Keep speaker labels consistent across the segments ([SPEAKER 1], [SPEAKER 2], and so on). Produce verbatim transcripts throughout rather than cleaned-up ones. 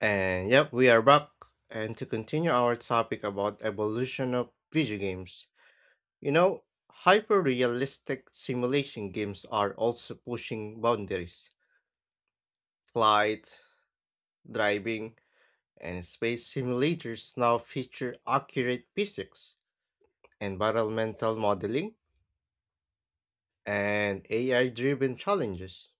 [SPEAKER 1] And yep, we are back. And to continue our topic about evolution of video games. You know, hyper-realistic simulation games are also pushing boundaries. Flight, driving, and space simulators now feature accurate physics, environmental modeling, and A I-driven challenges,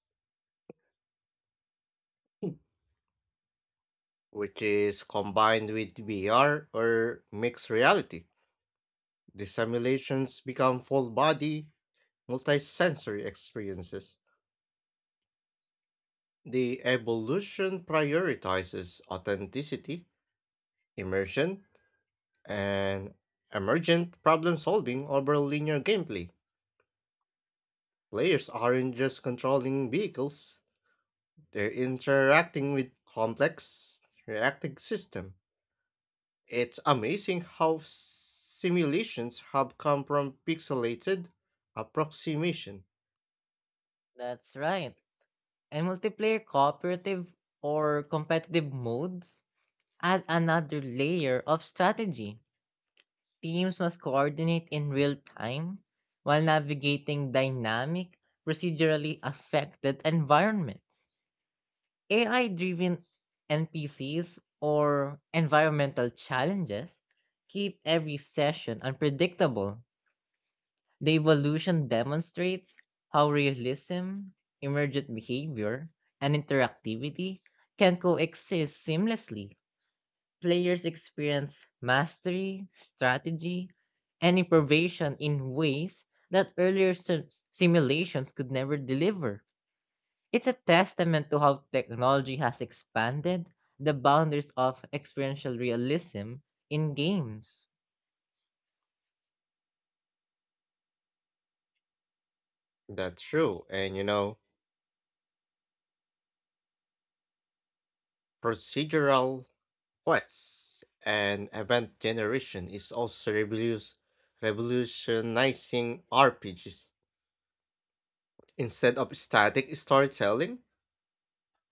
[SPEAKER 1] which is combined with V R or mixed reality. The simulations become full body multisensory experiences. The evolution prioritizes authenticity, immersion, and emergent problem solving over linear gameplay. Players aren't just controlling vehicles, they're interacting with complex reacting system. It's amazing how simulations have come from pixelated approximation.
[SPEAKER 2] That's right. And multiplayer cooperative or competitive modes add another layer of strategy. Teams must coordinate in real time while navigating dynamic, procedurally affected environments. A I driven N P Cs or environmental challenges keep every session unpredictable. The evolution demonstrates how realism, emergent behavior, and interactivity can coexist seamlessly. Players experience mastery, strategy, and improvisation in ways that earlier sim- simulations could never deliver. It's a testament to how technology has expanded the boundaries of experiential realism in games.
[SPEAKER 1] That's true, and you know, procedural Quest and event generation is also revolus- revolutionizing R P Gs. Instead of static storytelling,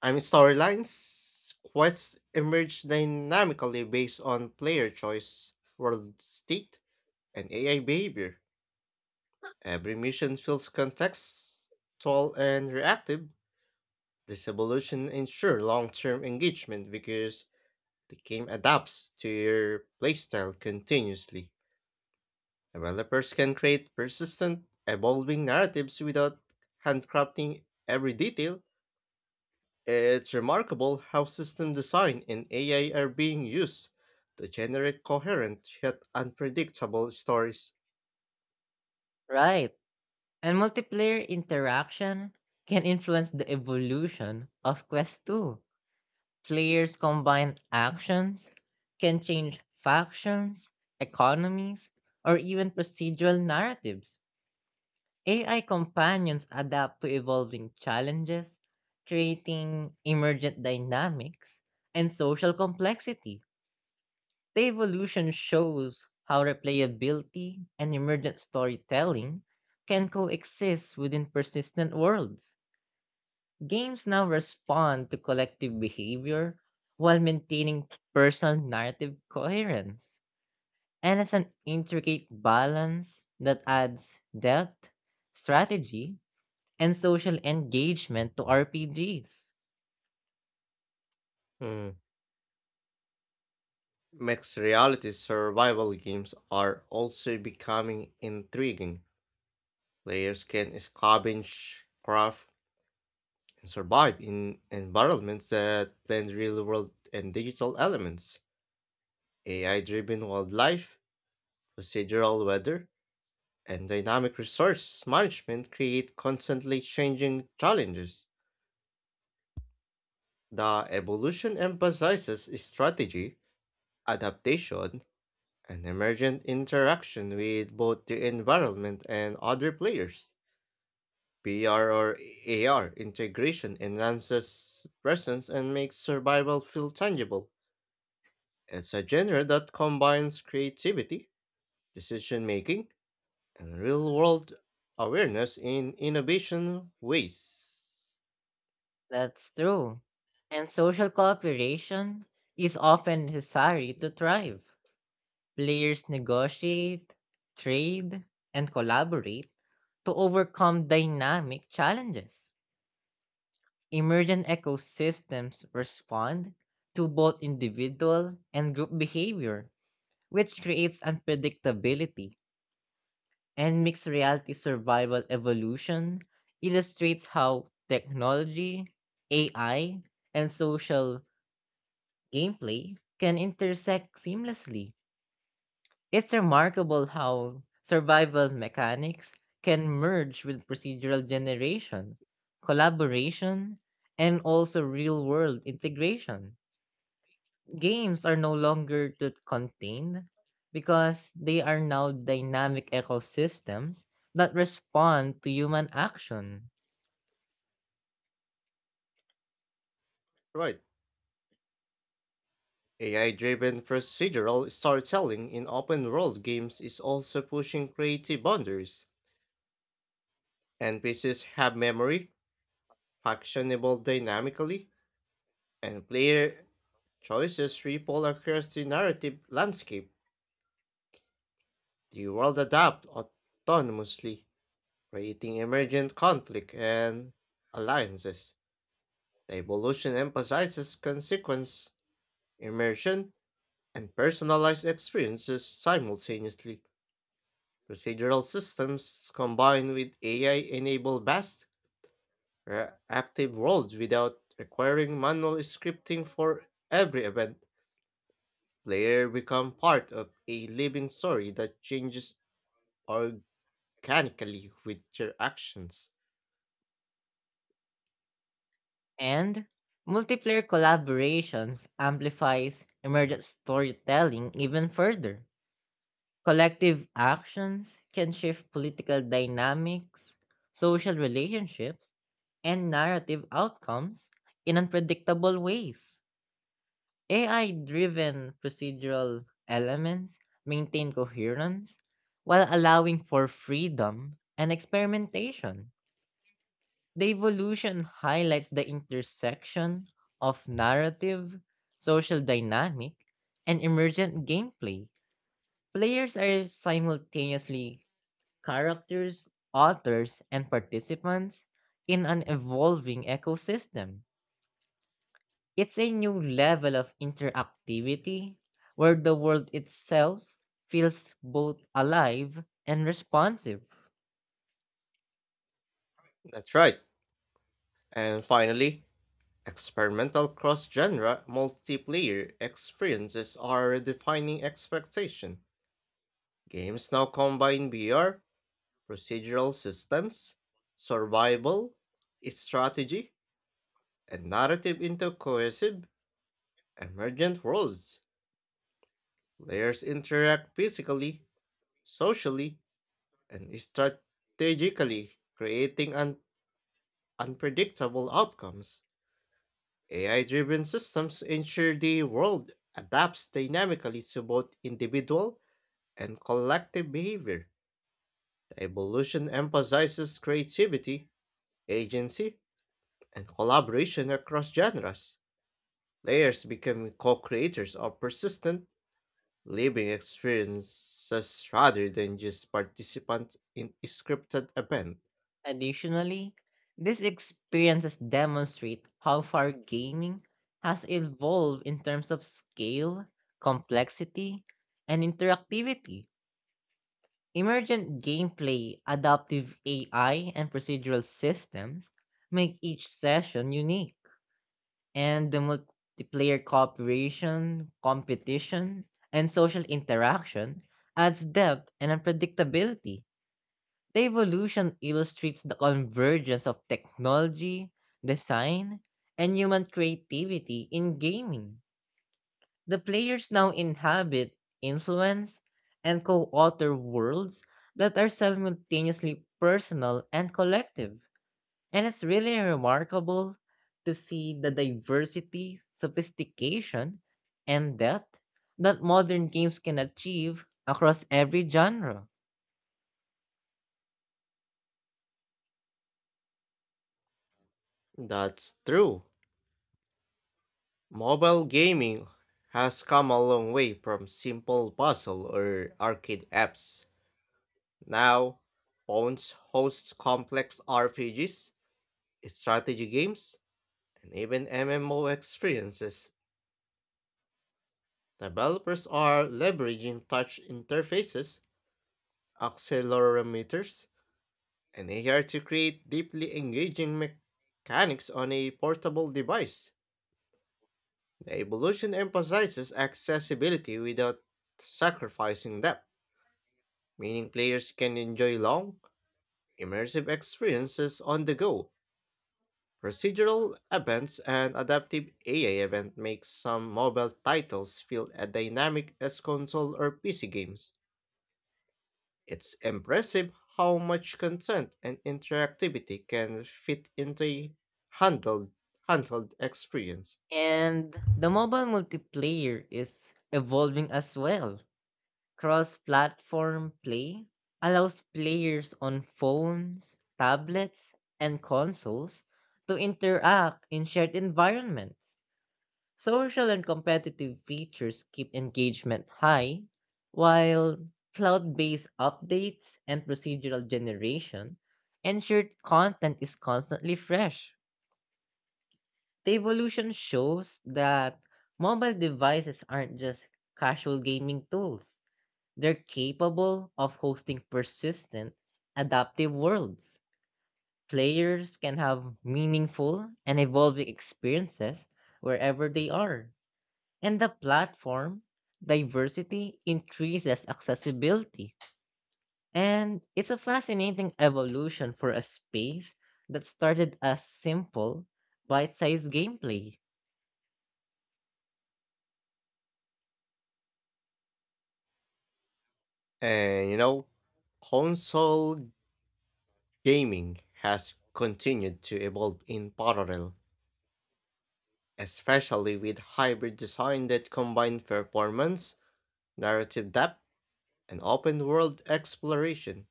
[SPEAKER 1] I mean storylines, quests emerge dynamically based on player choice, world state, and A I behavior. Every mission feels contextual and reactive. This evolution ensures long-term engagement because the game adapts to your playstyle continuously. Developers can create persistent, evolving narratives without handcrafting every detail. It's remarkable how system design and A I are being used to generate coherent yet unpredictable stories.
[SPEAKER 2] Right. And multiplayer interaction can influence the evolution of Quest two. Players combine actions, can change factions, economies, or even procedural narratives. A I companions adapt to evolving challenges, creating emergent dynamics and social complexity. The evolution shows how replayability and emergent storytelling can coexist within persistent worlds. Games now respond to collective behavior while maintaining personal narrative coherence. And it's an intricate balance that adds depth, strategy, and social engagement to R P Gs.
[SPEAKER 1] Hmm. Mixed reality survival games are also becoming intriguing. Players can scavenge, craft, and survive in environments that blend real world and digital elements. A I driven wildlife, procedural weather, and dynamic resource management create constantly changing challenges. The evolution emphasizes strategy, adaptation, and emergent interaction with both the environment and other players. P R or A R integration enhances presence and makes survival feel tangible. It's a genre that combines creativity, decision making, and real world awareness in innovation ways.
[SPEAKER 2] That's true. And social cooperation is often necessary to thrive. Players negotiate, trade, and collaborate to overcome dynamic challenges. Emergent ecosystems respond to both individual and group behavior, which creates unpredictability. And mixed reality survival evolution illustrates how technology, A I, and social gameplay can intersect seamlessly. It's remarkable how survival mechanics can merge with procedural generation, collaboration, and also real world integration. Games are no longer too contained because they are now dynamic ecosystems that respond to human action.
[SPEAKER 1] Right. A I driven procedural storytelling in open world games is also pushing creative boundaries. N P Cs have memory, functionable dynamically, and player choices ripple across the narrative landscape. The world adapts autonomously, creating emergent conflict and alliances. The evolution emphasizes consequence, immersion, and personalized experiences simultaneously. Procedural systems combine with A I-enable vast, active worlds without requiring manual scripting for every event. Players become part of a living story that changes organically with their actions.
[SPEAKER 2] And multiplayer collaborations amplifies emergent storytelling even further. Collective actions can shift political dynamics, social relationships, and narrative outcomes in unpredictable ways. A I driven procedural elements maintain coherence while allowing for freedom and experimentation. The evolution highlights the intersection of narrative, social dynamic, and emergent gameplay. Players are simultaneously characters, authors, and participants in an evolving ecosystem. It's a new level of interactivity where the world itself feels both alive and responsive.
[SPEAKER 1] That's right. And finally, experimental cross-genre multiplayer experiences are defining expectation. Games now combine V R, procedural systems, survival, strategy, and narrative into cohesive, emergent worlds. Players interact physically, socially, and strategically, creating un- unpredictable outcomes. A I driven systems ensure the world adapts dynamically to both individual and collective behavior. The evolution emphasizes creativity, agency, and collaboration across genres. Players become co creators of persistent, living experiences rather than just participants in a scripted event.
[SPEAKER 2] Additionally, these experiences demonstrate how far gaming has evolved in terms of scale, complexity, and interactivity. Emergent gameplay, adaptive A I, and procedural systems make each session unique, and the multiplayer cooperation, competition, and social interaction adds depth and unpredictability. The evolution illustrates the convergence of technology, design, and human creativity in gaming. The players now inhabit, influence, and co author worlds that are simultaneously personal and collective. And it's really remarkable to see the diversity, sophistication, and depth that modern games can achieve across every genre.
[SPEAKER 1] That's true. Mobile gaming has come a long way from simple puzzle or arcade apps. Now, phones host complex R P Gs, strategy games, and even M M O experiences. Developers are leveraging touch interfaces, accelerometers, and A R to create deeply engaging mechanics on a portable device. The evolution emphasizes accessibility without sacrificing depth, meaning players can enjoy long, immersive experiences on the go. Procedural events and adaptive A I event make some mobile titles feel as dynamic as console or P C games. It's impressive how much content and interactivity can fit into a handled handheld experience.
[SPEAKER 2] And the mobile multiplayer is evolving as well. Cross platform play allows players on phones, tablets, and consoles to interact in shared environments. Social and competitive features keep engagement high, while cloud based updates and procedural generation ensure content is constantly fresh. The evolution shows that mobile devices aren't just casual gaming tools, they're capable of hosting persistent, adaptive worlds. Players can have meaningful and evolving experiences wherever they are. And the platform diversity increases accessibility. And it's a fascinating evolution for a space that started as simple, bite sized gameplay.
[SPEAKER 1] And you know, console gaming has continued to evolve in parallel, especially with hybrid design that combine performance, narrative depth, and open world exploration.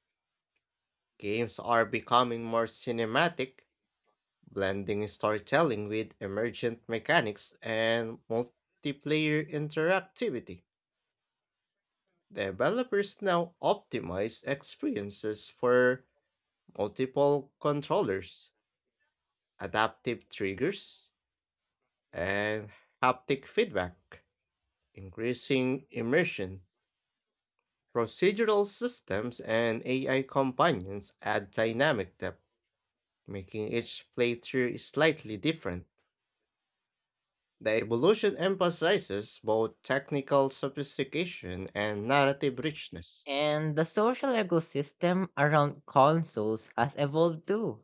[SPEAKER 1] Games are becoming more cinematic, blending storytelling with emergent mechanics and multiplayer interactivity. Developers now optimize experiences for multiple controllers, adaptive triggers, and haptic feedback, increasing immersion. Procedural systems and A I companions add dynamic depth, making each playthrough slightly different. The evolution emphasizes both technical sophistication and narrative richness.
[SPEAKER 2] And the social ecosystem around consoles has evolved too.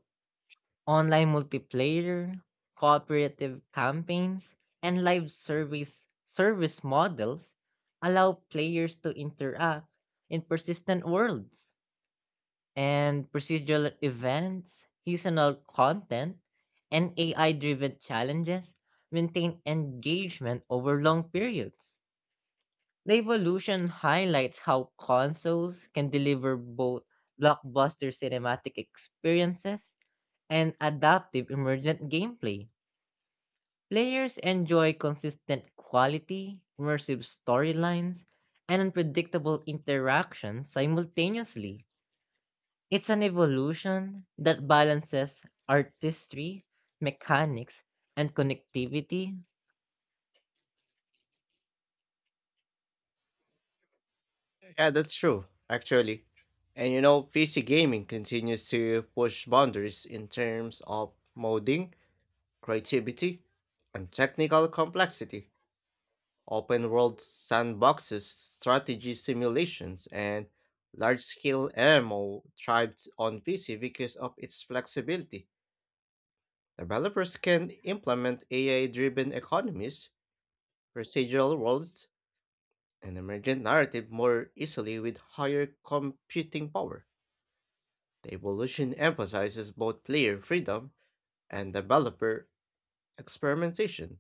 [SPEAKER 2] Online multiplayer, cooperative campaigns, and live service service models allow players to interact in persistent worlds, and procedural events, seasonal content, and A I-driven challenges maintain engagement over long periods. The evolution highlights how consoles can deliver both blockbuster cinematic experiences and adaptive emergent gameplay. Players enjoy consistent quality, immersive storylines, and unpredictable interactions simultaneously. It's an evolution that balances artistry, mechanics, and connectivity.
[SPEAKER 1] Yeah, that's true, actually. And you know, P C gaming continues to push boundaries in terms of modding, creativity, and technical complexity. Open world sandboxes, strategy simulations, and large scale M M O thrived on P C because of its flexibility. Developers can implement A I driven economies, procedural worlds, and emergent narrative more easily with higher computing power. The evolution emphasizes both player freedom and developer experimentation.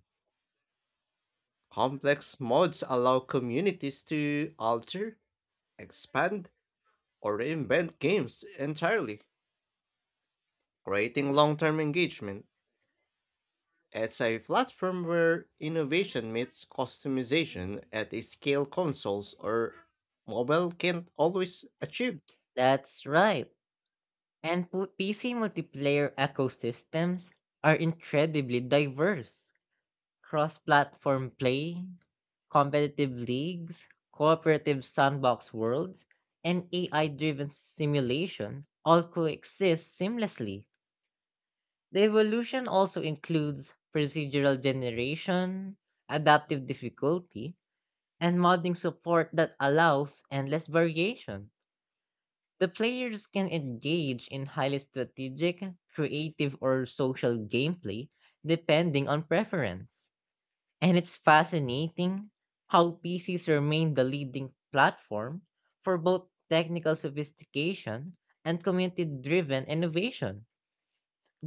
[SPEAKER 1] Complex modes allow communities to alter, expand, or reinvent games entirely, creating long term engagement. It's a platform where innovation meets customization at a scale consoles or mobile can't always achieve.
[SPEAKER 2] That's right. And pu- P C multiplayer ecosystems are incredibly diverse. Cross platform play, competitive leagues, cooperative sandbox worlds, and A I driven simulation all coexist seamlessly. The evolution also includes procedural generation, adaptive difficulty, and modding support that allows endless variation. The players can engage in highly strategic, creative, or social gameplay depending on preference. And it's fascinating how P Cs remain the leading platform for both technical sophistication and community driven innovation.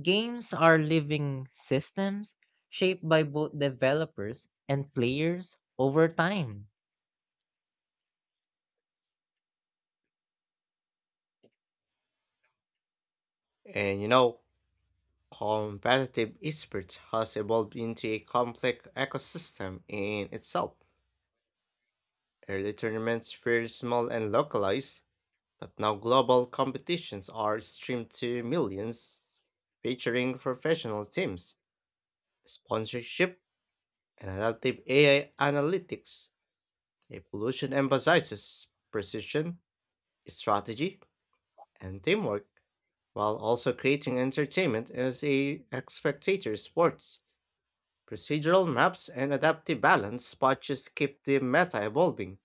[SPEAKER 2] Games are living systems shaped by both developers and players over time.
[SPEAKER 1] And you know, competitive esports has evolved into a complex ecosystem in itself. Early tournaments were small and localized, but now global competitions are streamed to millions, featuring professional teams, sponsorship, and adaptive A I analytics. The evolution emphasizes precision, strategy, and teamwork, while also creating entertainment as a spectator sports. Procedural maps and adaptive balance patches keep the meta evolving.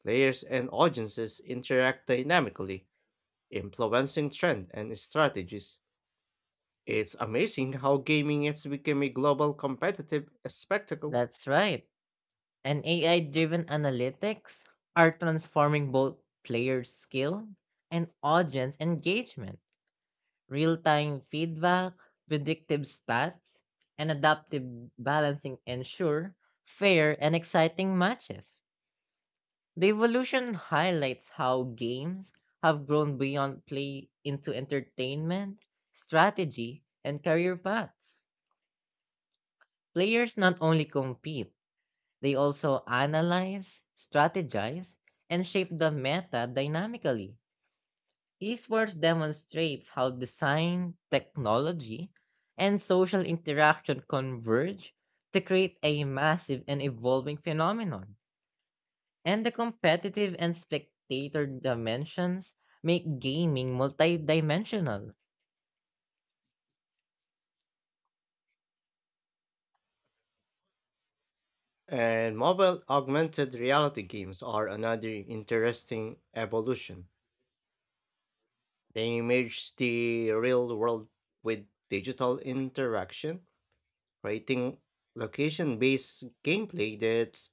[SPEAKER 1] Players and audiences interact dynamically, influencing trend and strategies. It's amazing how gaming has become a global competitive spectacle.
[SPEAKER 2] That's right. And A I-driven analytics are transforming both player skill and audience engagement. Real-time feedback, predictive stats, and adaptive balancing ensure fair and exciting matches. The evolution highlights how games have grown beyond play into entertainment, strategy, and career paths. Players not only compete, they also analyze, strategize, and shape the meta dynamically. Esports demonstrates how design, technology, and social interaction converge to create a massive and evolving phenomenon. And the competitive and spectator dimensions make gaming multidimensional.
[SPEAKER 1] And mobile augmented reality games are another interesting evolution. They merge the real world with digital interaction, creating location based gameplay that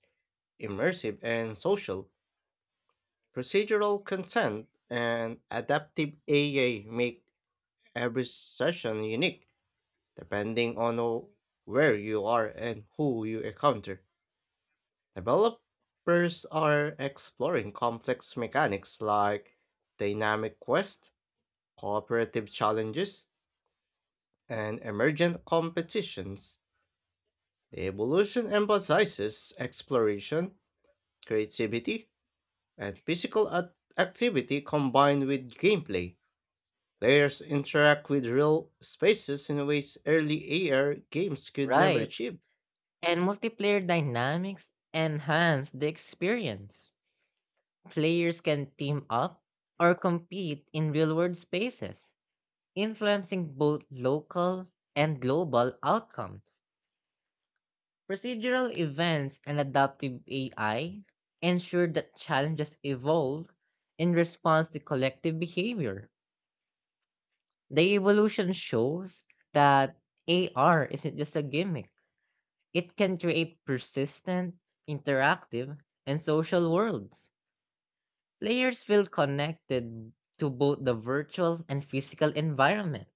[SPEAKER 1] immersive and social, procedural content, and adaptive A I make every session unique depending on who- where you are and who you encounter. Developers are exploring complex mechanics like dynamic quests, cooperative challenges, and emergent competitions. The evolution emphasizes exploration, creativity, and physical act- activity combined with gameplay. Players interact with real spaces in ways early A R games could never
[SPEAKER 2] Right.
[SPEAKER 1] achieve.
[SPEAKER 2] And multiplayer dynamics enhance the experience. Players can team up or compete in real world spaces, influencing both local and global outcomes. Procedural events and adaptive A I ensure that challenges evolve in response to collective behavior. The evolution shows that A R isn't just a gimmick, it can create persistent, interactive, and social worlds. Players feel connected to both the virtual and physical environment,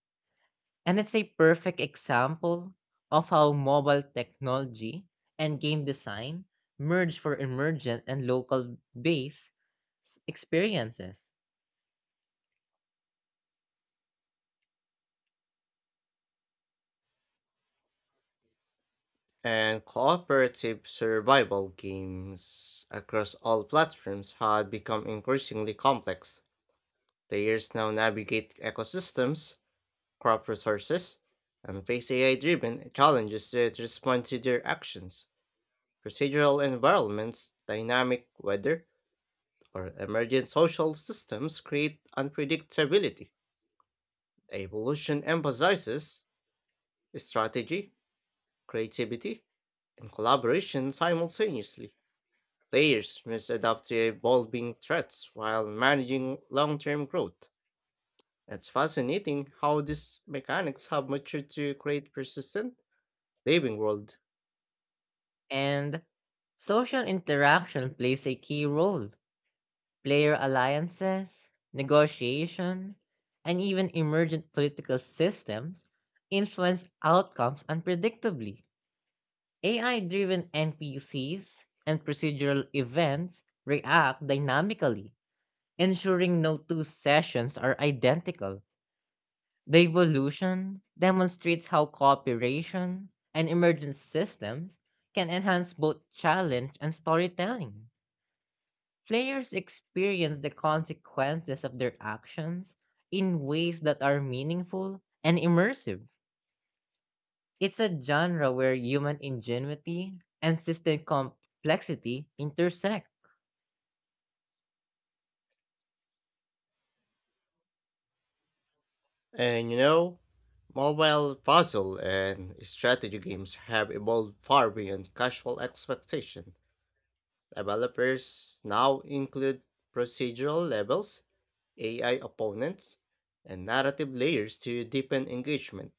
[SPEAKER 2] and it's a perfect example of how mobile technology and game design merge for emergent and local based experiences.
[SPEAKER 1] And cooperative survival games across all platforms had become increasingly complex. Players now navigate ecosystems, crop resources, and face A I driven challenges that respond to their actions. Procedural environments, dynamic weather, for emergent social systems create unpredictability. Evolution emphasizes strategy, creativity, and collaboration simultaneously. Players must adapt to evolving threats while managing long term growth. It's fascinating how these mechanics have matured to create persistent living world.
[SPEAKER 2] And social interaction plays a key role. Player alliances, negotiation, and even emergent political systems influence outcomes unpredictably. A I driven N P Cs and procedural events react dynamically, ensuring no two sessions are identical. The evolution demonstrates how cooperation and emergent systems can enhance both challenge and storytelling. Players experience the consequences of their actions in ways that are meaningful and immersive. It's a genre where human ingenuity and system complexity intersect,
[SPEAKER 1] And you know, mobile puzzle and strategy games have evolved far beyond casual expectation. Developers now include procedural levels, A I opponents, and narrative layers to deepen engagement.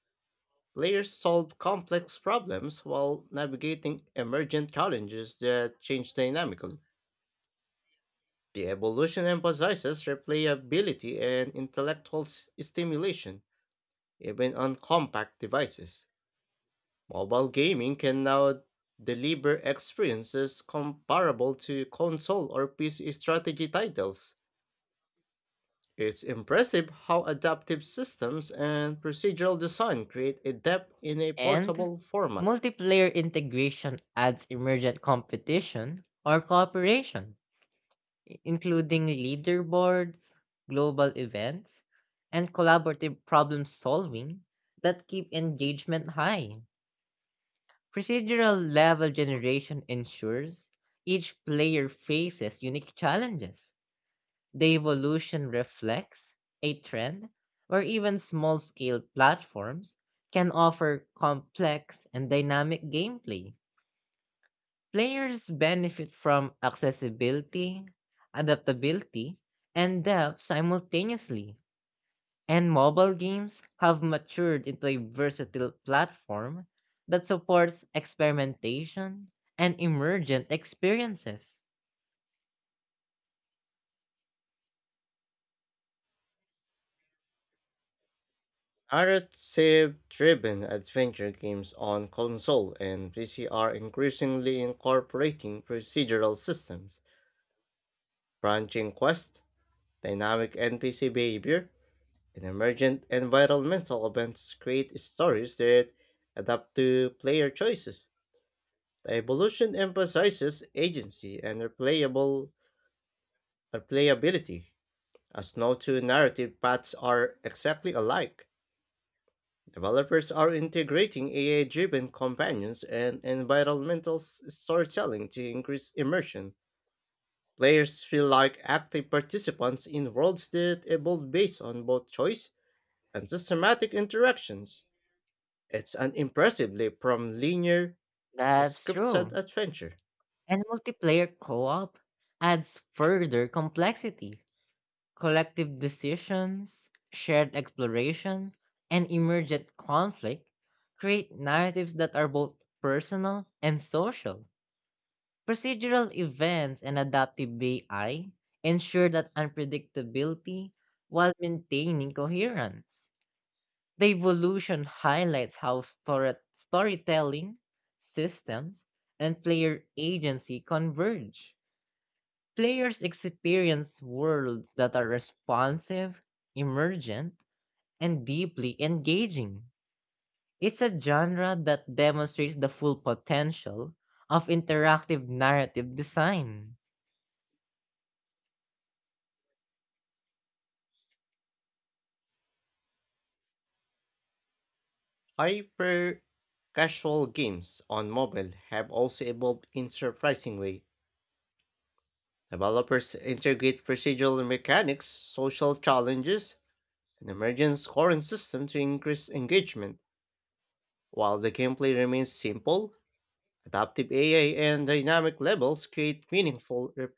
[SPEAKER 1] Players solve complex problems while navigating emergent challenges that change dynamically. The evolution emphasizes replayability and intellectual s- stimulation, even on compact devices. Mobile gaming can now deliver experiences comparable to console or P C strategy titles. It's impressive how adaptive systems and procedural design create a depth in a
[SPEAKER 2] and
[SPEAKER 1] portable format.
[SPEAKER 2] multiplayer integration adds emergent competition or cooperation, i- including leaderboards, global events, and collaborative problem solving that keep engagement high. Procedural level generation ensures each player faces unique challenges. The evolution reflects a trend where even small scale platforms can offer complex and dynamic gameplay. Players benefit from accessibility, adaptability, and depth simultaneously. And mobile games have matured into a versatile platform that supports experimentation and emergent experiences.
[SPEAKER 1] Narrative driven adventure games on console and P C are increasingly incorporating procedural systems, branching quests, dynamic N P C behavior, and emergent environmental events create stories that adapt to player choices. The evolution emphasizes agency and replayable replayability, as no two narrative paths are exactly alike. Developers are integrating A I-driven companions and environmental s- storytelling to increase immersion. Players feel like active participants in worlds that evolve based on both choices and systematic interactions. It's an impressively from linear,
[SPEAKER 2] That's
[SPEAKER 1] scripted
[SPEAKER 2] true.
[SPEAKER 1] adventure.
[SPEAKER 2] And multiplayer co-op adds further complexity. Collective decisions, shared exploration, and emergent conflict create narratives that are both personal and social. Procedural events and adaptive A I ensure that unpredictability while maintaining coherence. The evolution highlights how story- storytelling, systems, and player agency converge. Players experience worlds that are responsive, emergent, and deeply engaging. It's a genre that demonstrates the full potential of interactive narrative design.
[SPEAKER 1] Hyper casual games on mobile have also evolved in surprising way. Developers integrate procedural mechanics, social challenges, and emergent scoring system to increase engagement. While the gameplay remains simple, adaptive A I and dynamic levels create meaningful. rep-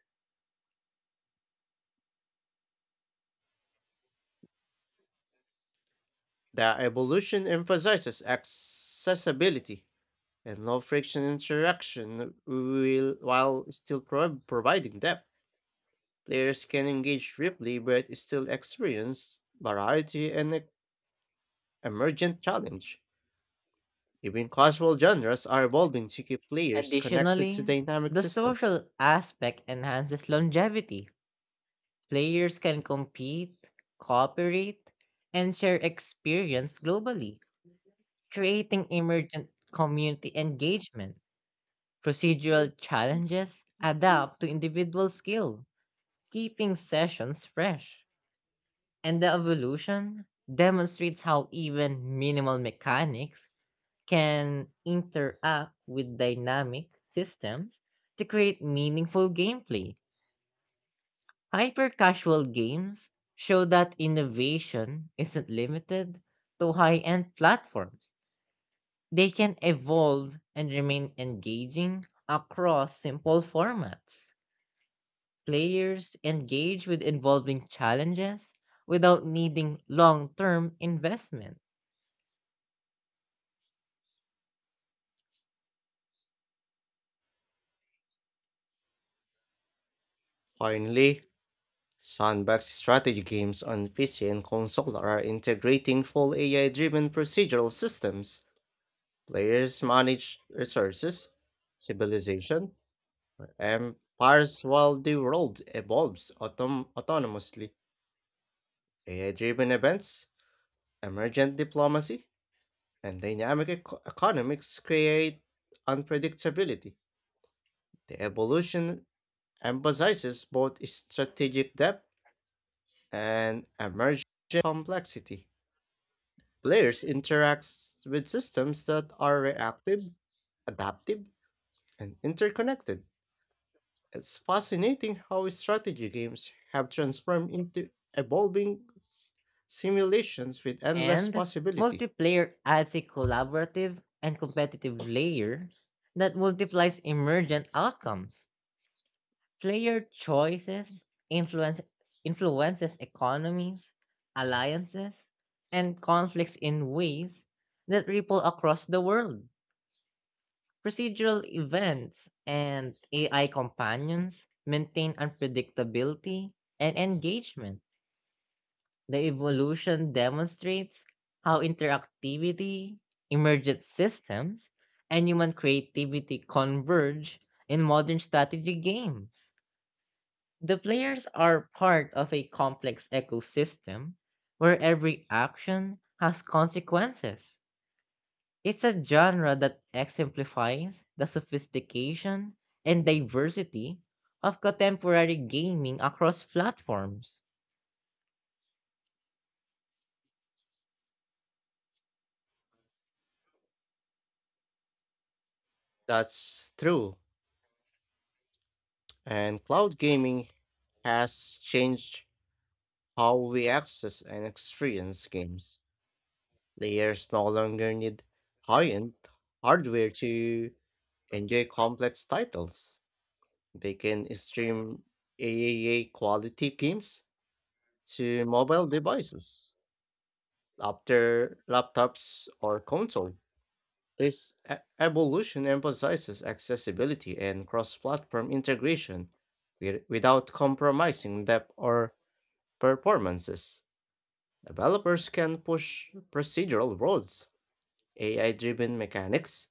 [SPEAKER 1] The evolution emphasizes accessibility and low friction interaction will while still pro- providing depth. Players can engage deeply but still experience variety and e- emergent challenge. Even casual genres are evolving to keep players connected to
[SPEAKER 2] Additionally,
[SPEAKER 1] dynamic
[SPEAKER 2] the
[SPEAKER 1] system.
[SPEAKER 2] social aspect enhances longevity. Players can compete, cooperate, and share experience globally, creating emergent community engagement. Procedural challenges adapt to individual skill, keeping sessions fresh. And the evolution demonstrates how even minimal mechanics can interact with dynamic systems to create meaningful gameplay. Hyper casual games show that innovation isn't limited to high end platforms. They can evolve and remain engaging across simple formats. Players engage with involving challenges without needing long term investment.
[SPEAKER 1] Finally, sandbox strategy games on P C and console are integrating full A I driven procedural systems. Players manage resources, civilization, or empires while the world evolves autom- autonomously. A I driven events, emergent diplomacy, and dynamic eco- economics create unpredictability. The evolution emphasizes both strategic depth and emergent complexity. Players interact with systems that are reactive, adaptive, and interconnected. It's fascinating how strategy games have transformed into evolving s- simulations with endless
[SPEAKER 2] And
[SPEAKER 1] possibility.
[SPEAKER 2] multiplayer adds a collaborative and competitive layer that multiplies emergent outcomes. Player choices influence, influences economies, alliances, and conflicts in ways that ripple across the world. Procedural events and A I companions maintain unpredictability and engagement. The evolution demonstrates how interactivity, emergent systems, and human creativity converge in modern strategy games. The players are part of a complex ecosystem where every action has consequences. It's a genre that exemplifies the sophistication and diversity of contemporary gaming across platforms.
[SPEAKER 1] That's true. And cloud gaming has changed how we access and experience games. Players no longer need high end hardware to enjoy complex titles. They can stream triple A quality games to mobile devices, after laptops or console. This e- evolution emphasizes accessibility and cross-platform integration wi- without compromising depth or performances. Developers can push procedural roles, A I-driven mechanics,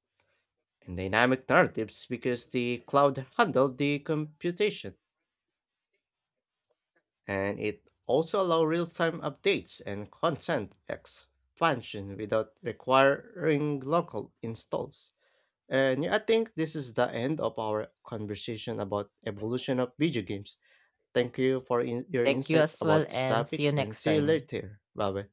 [SPEAKER 1] and dynamic narratives because the cloud handled the computation. And it also allows real-time updates and content expansion without requiring local installs. And yeah, I think this is the end of our conversation about evolution of video games. Thank you for in- your
[SPEAKER 2] Thank you
[SPEAKER 1] insight
[SPEAKER 2] as well
[SPEAKER 1] about this
[SPEAKER 2] and see you
[SPEAKER 1] topic and
[SPEAKER 2] next
[SPEAKER 1] see you
[SPEAKER 2] time.
[SPEAKER 1] later. Bye bye.